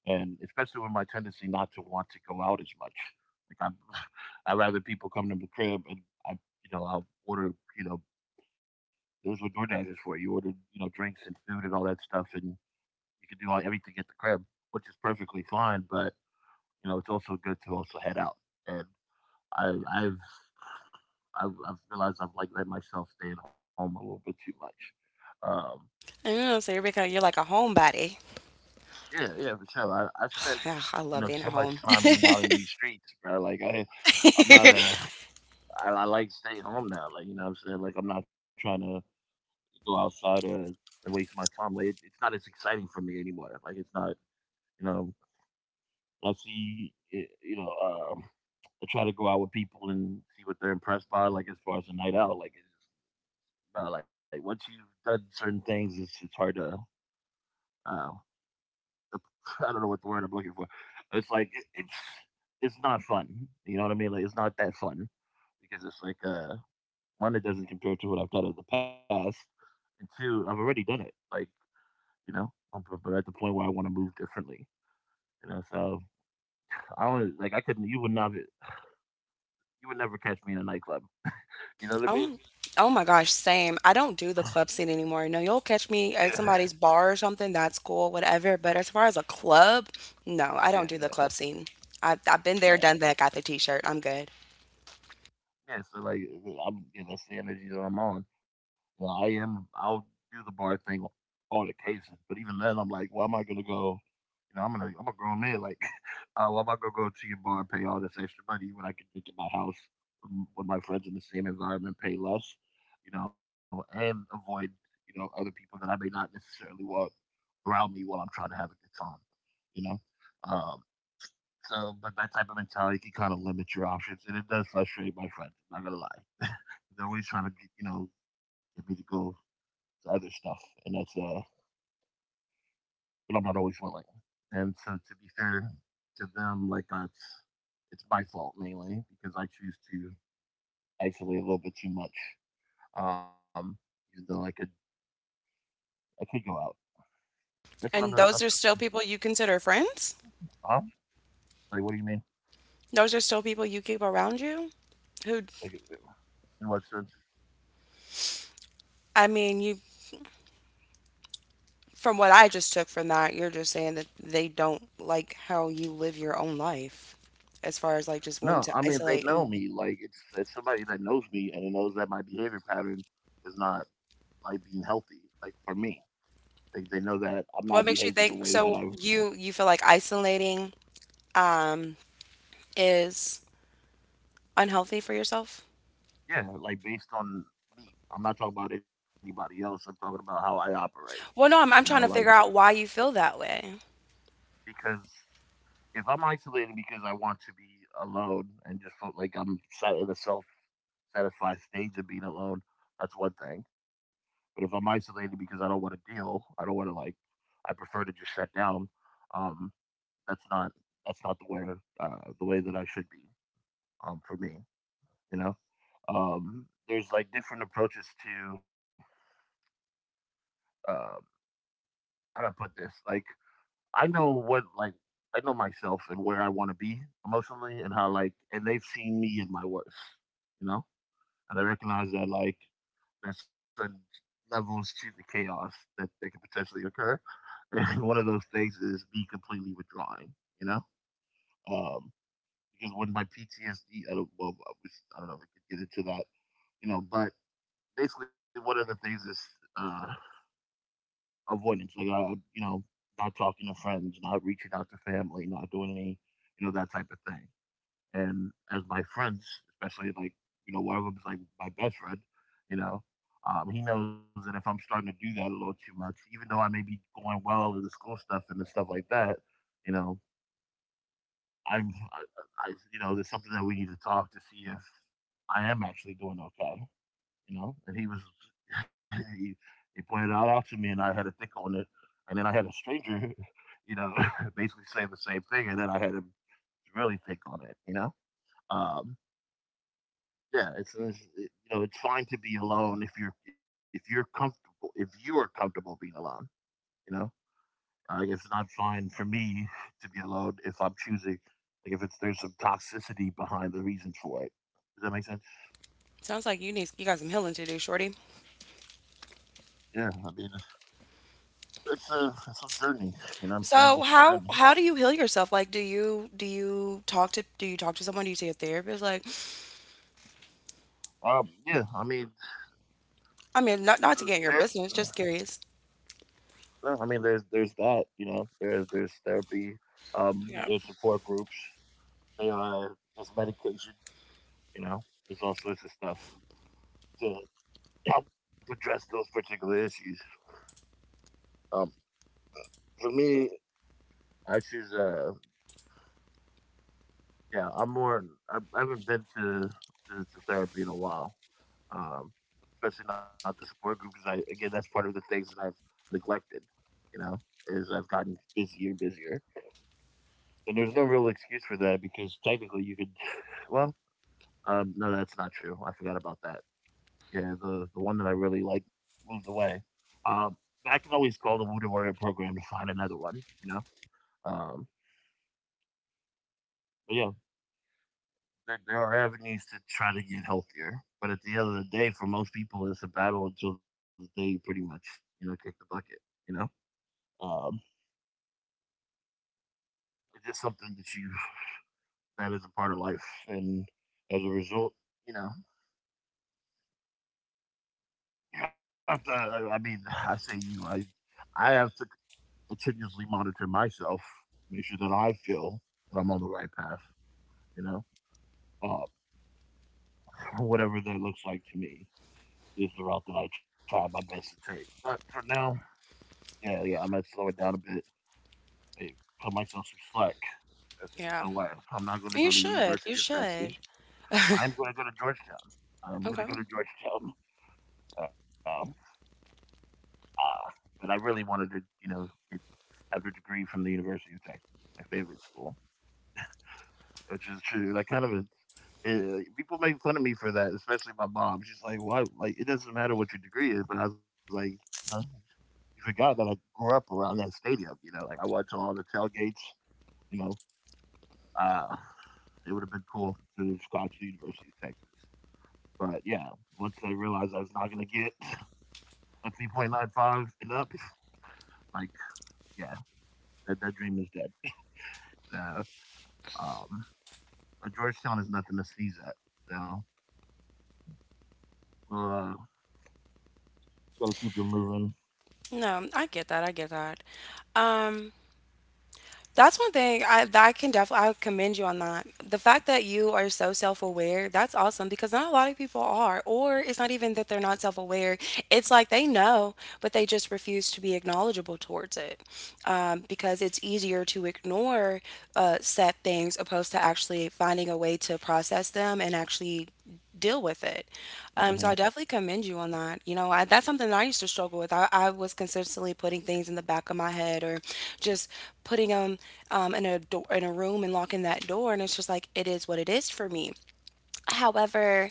B: And especially with my tendency not to want to go out as much. Like I, I'd rather people come to the crib and I, you know, I'll order, you know, those were DoorDash is for. You order, you know, drinks and food and all that stuff, and you can do all, everything at the crib, which is perfectly fine. But you know, it's also good to also head out and I I've I've, I've realized I've like let myself stay at home a little bit too much. Um,
A: I know, so you're becoming you're like a homebody.
B: yeah, yeah, for sure. I, I spent,
A: Yeah, I
B: you
A: love
B: know,
A: being
B: so
A: at
B: much
A: home.
B: time being out in these streets, bro. Like I I'm not a I, I like staying home now. Like, you know what I'm saying. Like I'm not trying to go outside or, and waste my time. Like it, it's not as exciting for me anymore. Like it's not, you know, I see eh, you know, um, I try to go out with people and see what they're impressed by. Like as far as a night out, like. Uh, like once you've done certain things, it's it's hard to um, I don't know what the word I'm looking for. It's like it- it's it's not fun. You know what I mean? Like it's not that fun, because it's like uh one, it doesn't compare to what I've done in the past, and two, I've already done it. Like, you know, I'm, b- b- at the point where I want to move differently. You know, so I don't like I couldn't. You would not. You would never catch me in a nightclub. You know what I mean?
A: Oh, oh my gosh, same. I don't do the club scene anymore. No, you'll catch
B: Yeah.
A: me at somebody's bar or something. That's cool, whatever. But as far as a club, no, I don't do the
B: Yeah.
A: club scene. I, I've been
B: No.
A: there, done that, got the t-shirt. I'm good.
B: Yeah, so like I'm, you know, that's the energy that I'm on. You know, I am. I'll do the bar thing on all occasions, but even then, I'm like, why am I gonna go? You know, I'm gonna, I'm a grown man. Like, uh, why am I gonna go to your bar and pay all this extra money when I can drink at my house m- with my friends in the same environment, pay less, you know, and avoid, you know, other people that I may not necessarily want around me while I'm trying to have a good time. You know, um, so but that type of mentality can kind of limit your options, and it does frustrate my friends. I'm not gonna lie. They're always trying to get, you know, get me to go to other stuff, and that's uh, but I'm not always willing. And so to be fair to them, like that's it's my fault mainly because I choose to isolate a little bit too much. Um, Even though I could I could go out. That's what I'm gonna.
A: And those are still people you consider friends?
B: Huh? Like, what do you mean?
A: Those are still people you keep around you? Who,
B: Like, in what sense?
A: I mean, you, from what I just took from that, you're just saying that they don't like how you live your own life as far as
B: No,
A: like
B: I
A: just
B: mean
A: wanting
B: they
A: to
B: know me.
A: isolate, and-
B: Like it's it's somebody that knows me and it knows that my behavior pattern is not like being healthy. Like for me, They, they know that I'm not
A: What
B: behaving
A: makes
B: the
A: you
B: way
A: think,
B: that I
A: so you you feel like isolating um, is unhealthy for yourself?
B: yeah, like based on me. I'm not talking about anybody else. I'm talking about how I operate.
A: Well,
B: You
A: no,
B: know,
A: I'm, I'm
B: like
A: trying to figure out why you feel that way.
B: because if I'm isolating because I want to be alone and just feel like I'm sat in a self satisfied stage of being alone, that's one thing. But if I'm isolated because I don't want to deal, I don't want to like, I prefer to just shut down. Um, that's not that's not the way uh, the way that I should be. Um, for me, you know. Um, there's like different approaches to uh, how do I put this? Like I know what like I know myself and where I want to be emotionally and how like and they've seen me in my worst, you know, and I recognize that like there's certain levels to the chaos that that can potentially occur, and one of those things is me completely withdrawing, you know, um, because when my P T S D, I don't well, I, was, I don't know if we could get into that, you know, but basically one of the things is Uh, avoidance, like uh, you know, not talking to friends, not reaching out to family, not doing any, you know, that type of thing. And as my friends, especially like you know, one of them's like my best friend, you know, um, he knows that if I'm starting to do that a little too much, even though I may be going well in the school stuff and the stuff like that, you know, I'm, I, I, you know, there's something that we need to talk to see if I am actually doing okay, you know. And he was he, he pointed it out to me, and I had a thick on it. And then I had a stranger, you know, basically saying the same thing, and then I had him really thick on it, you know. Um, yeah, it's, it's it, you know it's fine to be alone if you're if you're comfortable if you are comfortable being alone, you know. Uh, it's not fine for me to be alone if I'm choosing like if it's there's some toxicity behind the reason for it. Does that make sense?
A: Sounds like you need you got some healing to do, shorty.
B: Yeah, I mean, it's a it's a journey. You know what I'm saying?
A: So
B: It's a
A: how
B: journey.
A: how do you heal yourself? Like, do you do you talk to do you talk to someone? Do you see a therapist? Like,
B: Um, yeah, I mean,
A: I mean, not not
B: there,
A: to get in your business, just curious.
B: no, I mean, there's there's that, you know, there's there's therapy, um,
A: Yeah,
B: there's support groups, there are there's medication, you know, there's all sorts of stuff to help address those particular issues. Um, for me, I choose, uh, yeah, I'm more, I, I haven't been to, to to therapy in a while, um, especially not the support group because I again that's part of the things that I've neglected, you know, is I've gotten busier, busier. And there's no real excuse for that because technically you could, well, um, no, that's not true. I forgot about that. Yeah, the the one that I really like moved away. Um, I can always call the Wounded Warrior program to find another one. You know, um, but yeah, there, there are avenues to try to get healthier. But at the end of the day, for most people, it's a battle until the day you pretty much you know kick the bucket. You know, um, it's just something that you that is a part of life, and as a result, you know. You have to. I I mean, I say you. I I have to continuously monitor myself, make sure that I feel that I'm on the right path. You know, uh, whatever that looks like to me is the route that I try my best to take. But for now, yeah, yeah, I might slow it down a bit, maybe cut myself some slack. That's it.
A: yeah.
B: So what? I'm not going to go
A: You
B: to the
A: should, you
B: University of
A: should.
B: Texas. I'm going to go to Georgetown. I'm going to
A: Okay.
B: go to Georgetown. Um, uh, but I really wanted to, you know, have their degree from the University of Texas, my favorite school, which is true. Like, kind of a, it, like, people make fun of me for that, especially my mom. She's like, "Why? Like, it doesn't matter what your degree is." But I was like, "No, you forgot that I grew up around that stadium. You know, like I went to all the tailgates. You know, uh, it would have been cool to have gone to the University of Texas." But yeah, once I realized I was not going to get a three point nine five and up, like, yeah, that, that dream is dead. Uh, um, but Georgetown is nothing to sneeze at. So we'll uh, just gotta keep them moving.
A: No, I get that. I get that. Um, That's one thing I that I can definitely I would commend you on that. The fact that you are so self-aware, that's awesome because not a lot of people are. Or it's not even that they're not self-aware. It's like they know, but they just refuse to be acknowledgeable towards it. Um, because it's easier to ignore uh, set things opposed to actually finding a way to process them and actually deal with it.
B: Uh
A: Um, so I
B: huh.
A: definitely commend you on that. You know, I, that's something that I used to struggle with. I, I was consistently putting things in the back of my head or just putting them um, in a door in a room and locking that door. And it's just like it is what it is for me. However,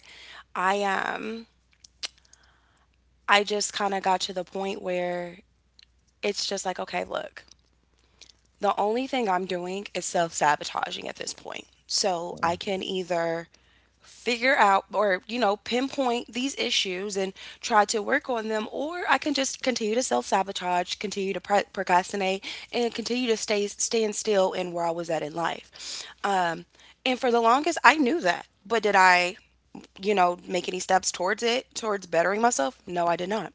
A: I um I just kind of got to the point where it's just like, okay, look, the only thing I'm doing is self sabotaging at this point. So
B: Uh
A: I can either figure out or you know pinpoint these issues and try to work on them, or I can just continue to self-sabotage, continue to pro- procrastinate and continue to stay stand still in where I was at in life, um, and for the longest I knew that but did I you know make any steps towards it towards bettering myself? No, I did not.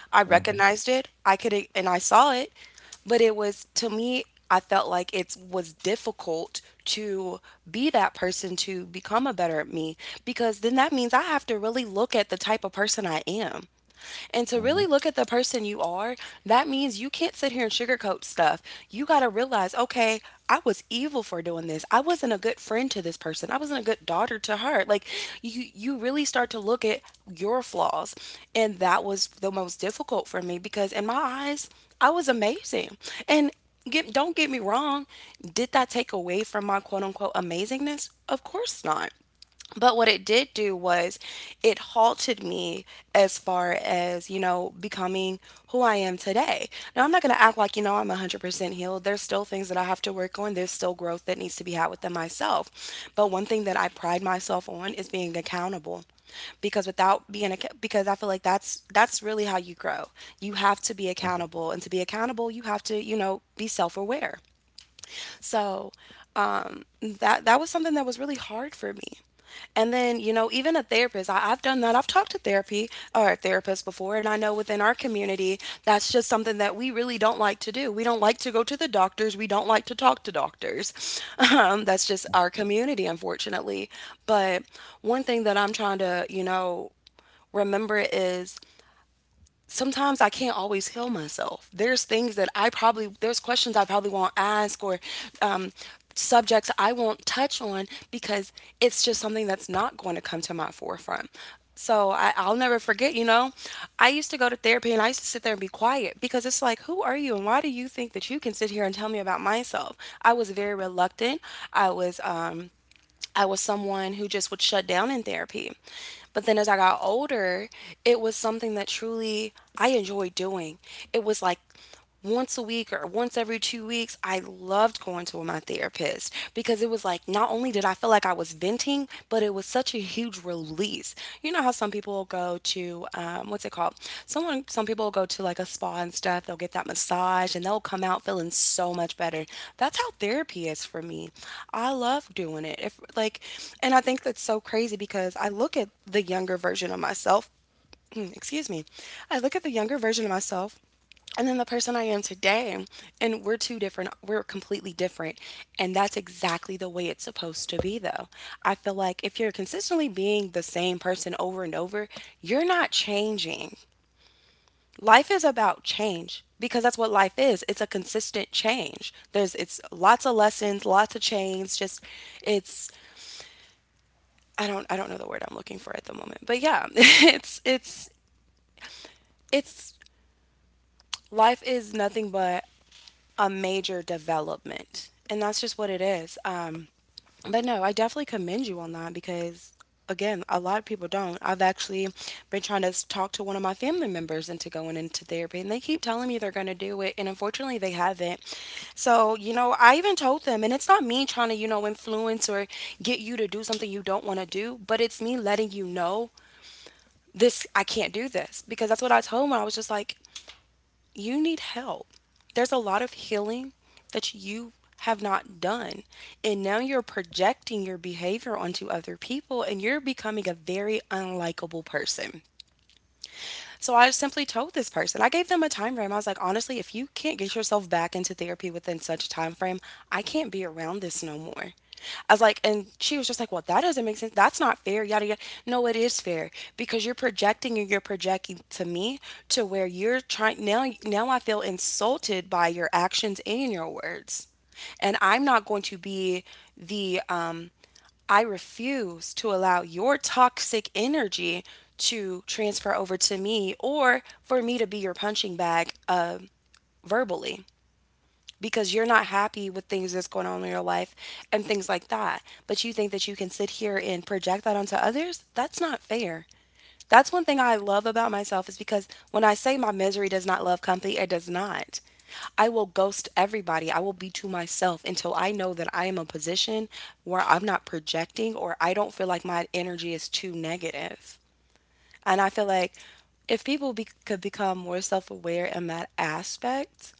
B: huh. Uh
A: I
B: huh.
A: recognized it. I could and I saw it, but it was to me I felt like it was difficult to be that person to become a better me because then that means I have to really look at the type of person I am.
B: Uh
A: And
B: huh.
A: to really look at the person you are, that means you can't sit here and sugarcoat stuff. You got to realize realize, okay, I was evil for doing this. I wasn't a good friend to this person. I wasn't a good daughter to her. Like you you really start to look at your flaws. And that was the most difficult for me because in my eyes, I was amazing. And get don't get me wrong, did that take away from my quote unquote amazingness? Of course not. But what it did do was it halted me as far as, you know, becoming who I am today. Now, I'm not going to act like, you know, I'm a hundred percent healed. There's still things that I have to work on. There's still growth that needs to be had within myself. But one thing that I pride myself on is being accountable because without being acc- because I feel like that's that's really how you grow. You have to be accountable, and to be accountable, you have to, you know, be self-aware. So um, that that was something that was really hard for me. And then, you know, even a therapist, I, I've done that. I've talked to therapy or therapists before, and I know within our community, that's just something that we really don't like to do. We don't like to go to the doctors. We don't like to talk to doctors. Um, that's just our community, unfortunately. But one thing that I'm trying to, you know, remember is sometimes I can't always heal myself. There's things that I probably, there's questions I probably won't ask or um, subjects I won't touch on because it's just something that's not going to come to my forefront. So I, I'll never forget, you know, I used to go to therapy and I used to sit there and be quiet because it's like, who are you and why do you think that you can sit here and tell me about myself? I was very reluctant. I was, um, I was someone who just would shut down in therapy. But then as I got older, it was something that truly I enjoyed doing. It was like once a week or once every two weeks, I loved going to my therapist because it was like not only did I feel like I was venting, but it was such a huge huge release. You know how some people will go to um, what's it called? Someone, some people will go to like a spa and stuff. They'll get that massage and they'll come out feeling so much better. That's how therapy is for me. I love doing it. If like, and I think that's so crazy because I look at the younger version of myself excuse me, I look at the younger version of myself and then the person I am today, and we're two different, we're completely different. And that's exactly the way it's supposed to be, though. I feel like if you're consistently being the same person over and over, you're not changing. Life is about change because that's what life is. It's a consistent change. There's it's lots of lessons, lots of chains, just it's I don't I don't know the word I'm looking for at the moment. But yeah, it's it's it's life is nothing but a major development, and that's just what it is. Um, but no, I definitely commend you on that because, again, a lot of people don't. I've actually been trying to s- talk to one of my family members into going into therapy, and they keep telling me they're going to do it, and unfortunately, they haven't. So, you know, I even told them, and it's not me trying to, you know, influence or get you to do something you don't want to do, but it's me letting you know this, I can't do this because that's what I told them. I was just like, you need help. There's a lot of healing that you have not done. And now you're projecting your behavior onto other people and you're becoming a very unlikable person. So I simply told this person, I gave them a time frame. I was like, honestly, if you can't get yourself back into therapy within such a time frame, I can't be around this no more. I was like, and she was just like, well, that doesn't make sense. That's not fair. Yada yada. No, it is fair because you're projecting and you're projecting to me to where you're trying now. Now I feel insulted by your actions and your words, and I'm not going to be the um I refuse to allow your toxic energy to transfer over to me or for me to be your punching bag uh, verbally because you're not happy with things that's going on in your life and things like that. But you think that you can sit here and project that onto others? That's not fair. That's one thing I love about myself is because when I say my misery does not love company, it does not. I will ghost everybody. I will be to myself until I know that I am in a position where I'm not projecting or I don't feel like my energy is too negative. And I feel like if people be- could become more self aware in that aspect,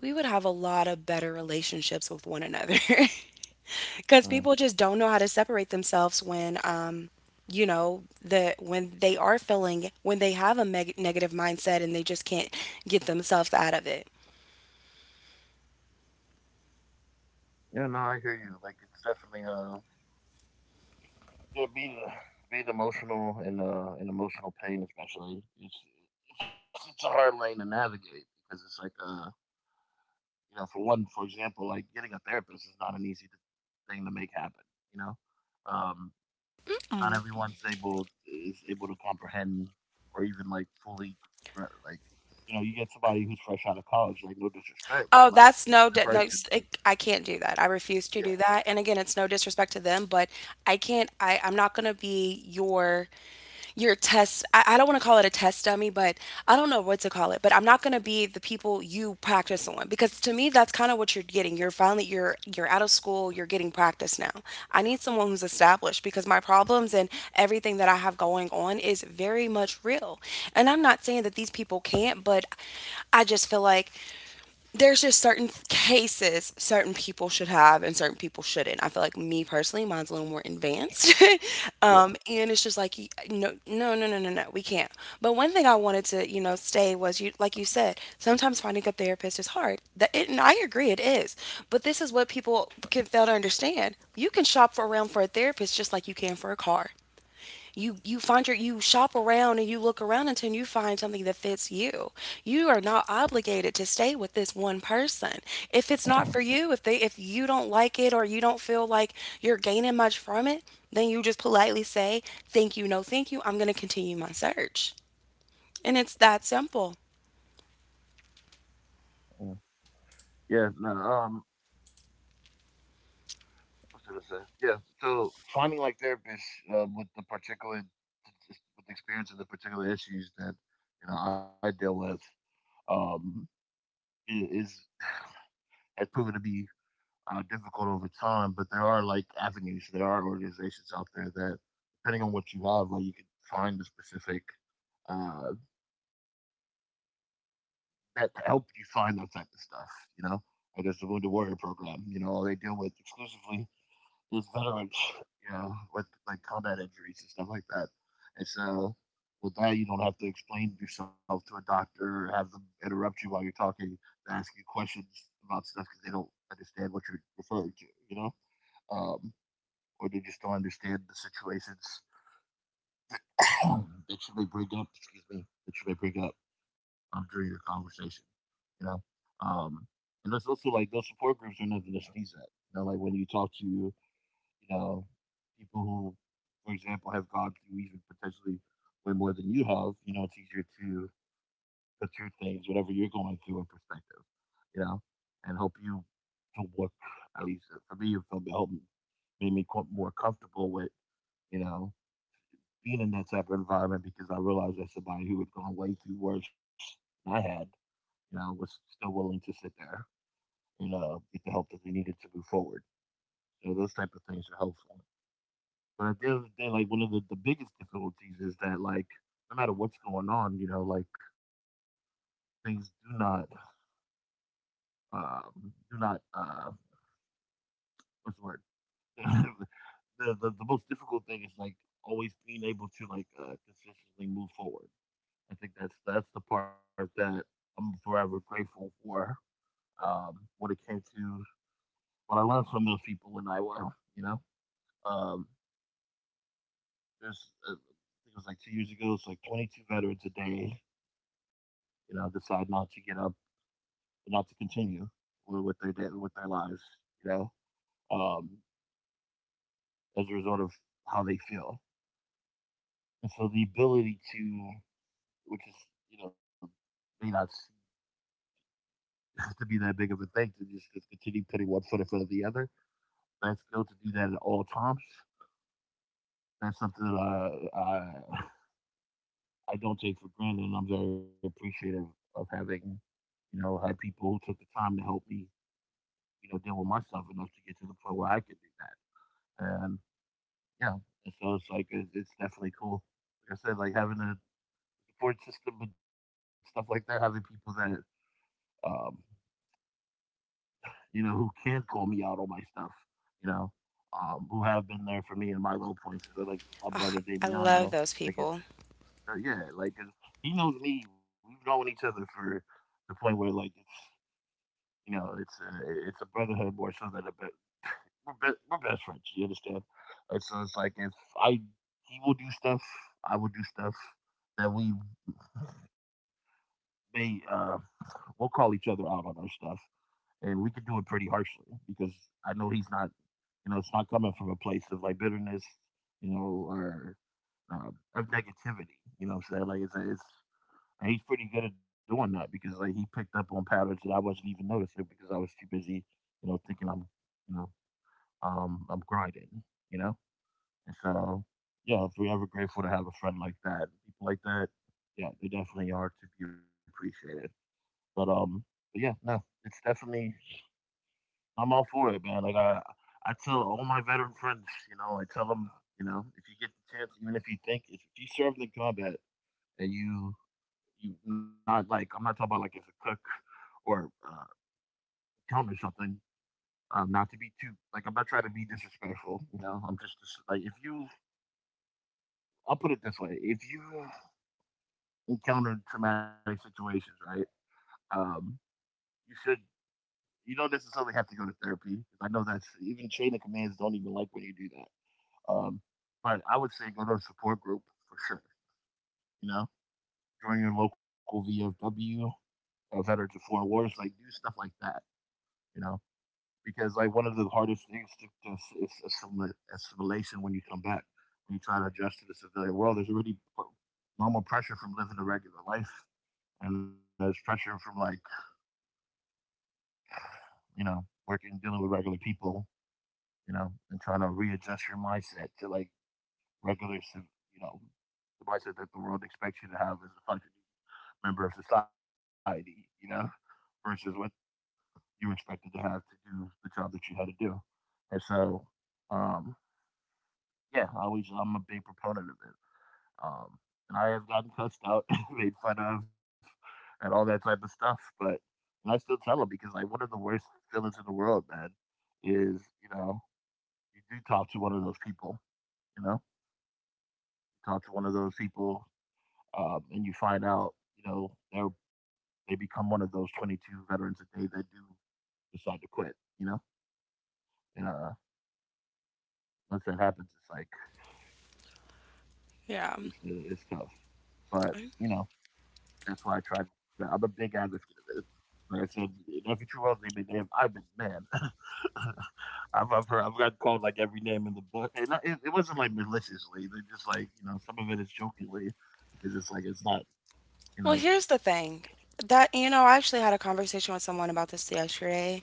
A: we would have a lot of better relationships with one another because people
B: Mm-hmm.
A: just don't know how to separate themselves when um you know the when they are feeling when they have a meg- negative mindset and they just can't get themselves out of it.
B: Yeah, no, I hear you. Like it's definitely uh, yeah, being being emotional and uh, and emotional pain especially. It's, it's it's a hard lane to navigate because it's like uh, you know, for one, for example, like getting a therapist is not an easy thing to make happen. You know, um,
A: Mm.
B: not everyone's able is able to comprehend or even like fully gra- like you know you get somebody who's fresh out of college like no disrespect
A: Oh,
B: but
A: that's
B: like
A: no, di- no,
B: that
A: s-
B: person
A: it- I can't do that. I refuse to do
B: yeah
A: that. And again, it's no disrespect to them, but I can't, I, I'm not going to be your your test I, I don't want to call it a test dummy, but I don't know what to call it, but I'm not going to be the people you practice on because to me that's kind of what you're getting. You're finally you're you're out of school, you're getting practice now. I need someone who's established because my problems and everything that I have going on is very much real, and I'm not saying that these people can't, but I just feel like there's just certain cases, certain people should have and certain people shouldn't. I feel like me personally, mine's a little more advanced. Um,
B: yeah
A: and it's just like, y- no, no, no, no, no, no, we can't. But one thing I wanted to, you know, stay was you, like you said, sometimes finding a therapist is hard. That it, and I agree it is. But this is what people can fail to understand. You can shop for around for a therapist just like you can for a car. You you find your you shop around and you look around until you find something that fits you. You are not obligated to stay with this one person. If it's not for you, if they if you don't like it or you don't feel like you're gaining much from it, then you just politely say, "Thank you, no thank you. I'm going to continue my search." And it's that simple.
B: yeah, yeah no um what's I gonna say yeah so finding like therapists um, with the particular with the experience of the particular issues that you know I deal with um i- is has proven to be uh, difficult over time. But there are like avenues, there are organizations out there that, depending on what you have, like you can find the specific uh, that help you find that type of stuff. You know, like there's the Wounded Warrior Program. You know, they deal with exclusively with veterans. You know, with like combat injuries and stuff like that. And so with that, you don't have to explain yourself to a doctor or have them interrupt you while you're talking, to ask you questions about stuff because they don't understand what you're referring to. You know. Um, or they just don't understand the situations that you may bring up. Excuse me, that you may bring up um, during your conversation. You know, um, and there's also like those support groups are nothing to sneeze at. You know, like when you talk to you know people who, for example, have gone through even potentially way more than you have. You know, it's easier to put your things, whatever you're going through, in perspective. You know, and help you to work. At least uh, for me, it felt- it helped made me co- more comfortable with. You know, being in that type of environment because I realized that somebody who had gone way through worse than I had, you know, was still willing to sit there and uh, get the help that they needed to move forward. So those type of things are helpful. But at the end of the day, like one of the, the biggest difficulties is that like no matter what's going on, you know, like things do not um, do not uh, what's the word? the, the the most difficult thing is like always being able to like uh, consistently move forward. I think that's that's the part that I'm forever grateful for. Um, when it came to when I learned from those people in Iowa, you know, um, there's uh, I think it was like two years ago. It's like twenty-two veterans a day, you know, decide not to get up, not to continue with, with their day, with their lives, you know, um, as a result of how they feel. And so the ability to, which is you know, may not seem to be that big of a thing to just, just continue putting one foot in front of the other, that skill to do that at all times. That's something that I, I I don't take for granted, and I'm very appreciative of having you know had people who took the time to help me you know deal with myself enough to get to the point where I could do that. And yeah, and so it's like it's, it's definitely cool. Like I said, like having a support system and stuff like that, having people that um, you know who can call me out on my stuff, you know, um, who have been there for me in my low points. So like my
A: Ah,
B: brother
A: I love
B: Damiano,
A: those
B: like it,
A: people.
B: Uh, yeah, like 'cause he knows me. We've known each other for the point where like it's you know it's a, it's a brotherhood more so than a be- we're, be- we're best friends. You understand? And so it's like if I he will do stuff, I will do stuff that we may uh we'll call each other out on our stuff, and we can do it pretty harshly because I know he's not you know it's not coming from a place of like bitterness, you know, or uh, of negativity. You know, what I'm saying like it's it's. And he's pretty good at doing that because like he picked up on patterns that I wasn't even noticing because I was too busy, you know, thinking I'm, you know, um, I'm grinding, you know. And so, yeah, if we're ever grateful to have a friend like that, people like that, yeah, they definitely are to be appreciated. But um, but yeah, no, it's definitely I'm all for it, man. Like I, I tell all my veteran friends, you know, I tell them, you know, if you get the chance, even if you think if you served in combat and you you not like I'm not talking about like as a cook or uh, accountant or something. Um, not to be too like I'm not trying to be disrespectful. You know, I'm just like if you I'll put it this way: if you encounter traumatic situations, right, um, you should you don't necessarily have to go to therapy. 'Cause I know that's even chain of commands don't even like when you do that. Um, but I would say go to a support group for sure. You know, join your local V F W, uh, Veterans of Foreign Wars, like do stuff like that. You know, because like one of the hardest things to, to ass- is assimil- assimilation when you come back when you try to adjust to the civilian world there's already normal pressure from living a regular life and there's pressure from like you know working dealing with regular people you know and trying to readjust your mindset to like regular civ- you know the mindset that the world expects you to have as a functioning member of society you know versus what you expected to have to do the job that you had to do and so um yeah, I always I'm a big proponent of it. Um, and I have gotten cussed out, made fun of, and all that type of stuff. But and I still tell them because like one of the worst feelings in the world, man, is you know you do talk to one of those people, you know, you talk to one of those people, um, and you find out you know they are they become one of those twenty-two veterans a day that do decide to quit, you know, and uh, once that happens, it's like
A: Yeah.
B: it's it's tough. But you know, that's why I try to. I'm a big advocate of it. Like I said, in every true world they been damned. I've been mad. I've I've, heard, I've got called like every name in the book, and I, it, it wasn't like maliciously. They're just like you know, some of it is jokingly because it's like it's not you
A: Well,
B: know.
A: here's the thing. That, you know, I actually had a conversation with someone about this yesterday.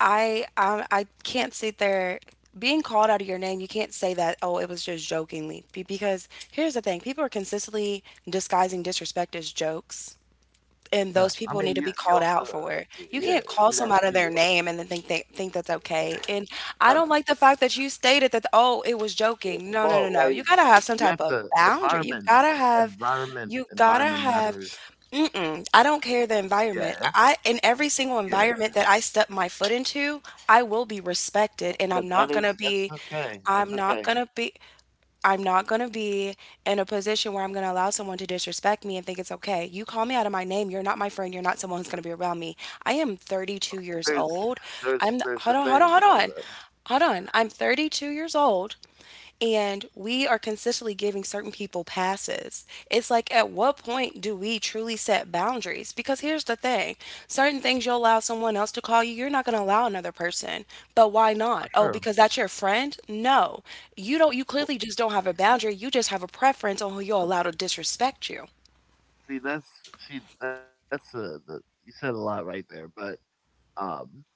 A: I I I can't sit there being called out of your name. You can't say that, oh, it was just jokingly. Be- Because here's the thing, people are consistently disguising disrespect as jokes.
B: No,
A: And
B: I
A: those
B: mean you
A: people need to
B: you
A: be
B: also
A: called out for it.
B: yeah
A: You can't
B: you
A: call
B: got
A: somebody
B: you
A: their name and then think they think that's okay. And I
B: no no
A: don't like the fact that you stated that, oh, it was
B: yeah.
A: joking. No, no, no,
B: Well
A: no.
B: like
A: You gotta
B: you
A: have some
B: you
A: type
B: have
A: of
B: to
A: boundary. You
B: environment
A: gotta have,
B: environment
A: you gotta
B: environment
A: have
B: matters.
A: Mm-mm. I don't care the
B: Yeah,
A: environment. I in every single
B: yeah,
A: environment that I step my foot into, I will be respected and
B: that,
A: I'm
B: that
A: not
B: is
A: gonna
B: that's
A: be
B: okay that's
A: I'm not
B: okay.
A: gonna be I'm not going to be in a position where I'm going to allow someone to disrespect me and think it's okay. You call me out of my name. You're not my friend. You're not someone who's going to be around me. I am thirty-two years
B: There's
A: old. I'm,
B: there's
A: hold
B: there's a
A: on, hold on, hold
B: thing,
A: on.
B: you
A: Hold on. I'm thirty-two years old and we are consistently giving certain people passes. It's like, at what point do we truly set boundaries? Because here's the thing, certain things you'll allow someone else to call you, you're not going to allow another person. But why not?
B: for
A: Oh, because
B: sure.
A: that's your friend? No. You don't, you clearly just don't
B: Well,
A: have a boundary. You just have a preference on who you'll allow to
B: uh,
A: disrespect you.
B: see, that's see, that's uh the you said a lot right there, but um,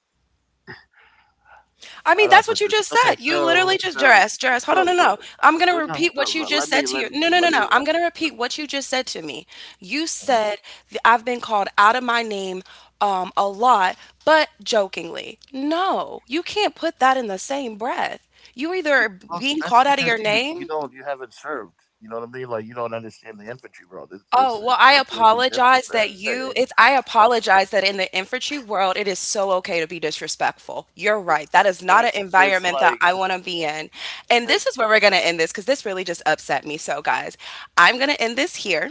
A: I mean,
B: how
A: that's
B: do I
A: what you
B: put
A: just
B: this?
A: said.
B: Okay,
A: You literally
B: so
A: just Jerez,
B: so,
A: Jerez. Hold on, no,
B: but
A: no.
B: but
A: I'm gonna
B: no,
A: repeat
B: no,
A: what
B: no
A: you
B: le-
A: just
B: let
A: said
B: me
A: to you.
B: let me
A: No, no, no,
B: let
A: no.
B: me
A: I'm
B: let
A: gonna
B: me.
A: repeat
B: Let me
A: what you just said to me. You
B: uh
A: said th- I've been called out of my name um, a lot, but jokingly. No, you can't put that in the same breath. You
B: you,
A: either
B: well,
A: being
B: that's
A: called out of
B: because
A: your
B: you you
A: name.
B: don't you haven't served. You know what I mean? Like you don't understand the infantry world. It's it's
A: Oh, well,
B: it's a
A: I
B: completely different
A: apologize that
B: thing.
A: you it's I apologize that in the infantry world, it is so okay to be disrespectful. You're right. That is not an
B: There's there's
A: environment that
B: like
A: I want to be in. And
B: there's.
A: this is where we're going to end this because this really just upset me. So, guys, I'm going to end this here.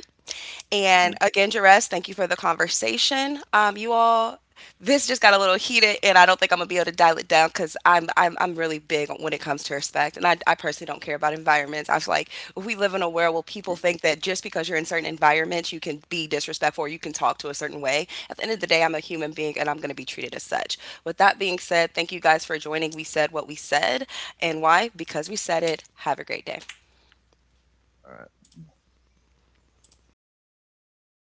B: Mhm.
A: And again, Jerez, thank you for the conversation. Um, you all this just got a little heated, and I don't think I'm gonna be able to dial it down because I'm, I'm I'm really big when it comes to respect, and I, I personally don't care about environments. I was like, we live in a world where people
B: Yeah,
A: think that just because you're in certain environments, you can be disrespectful, or you can talk to a certain way. At the end of the day, I'm a human being, and I'm gonna be treated as such. With that being said, thank you guys for joining. We said what we said, and why? Because we said it. Have a great day.
B: all right.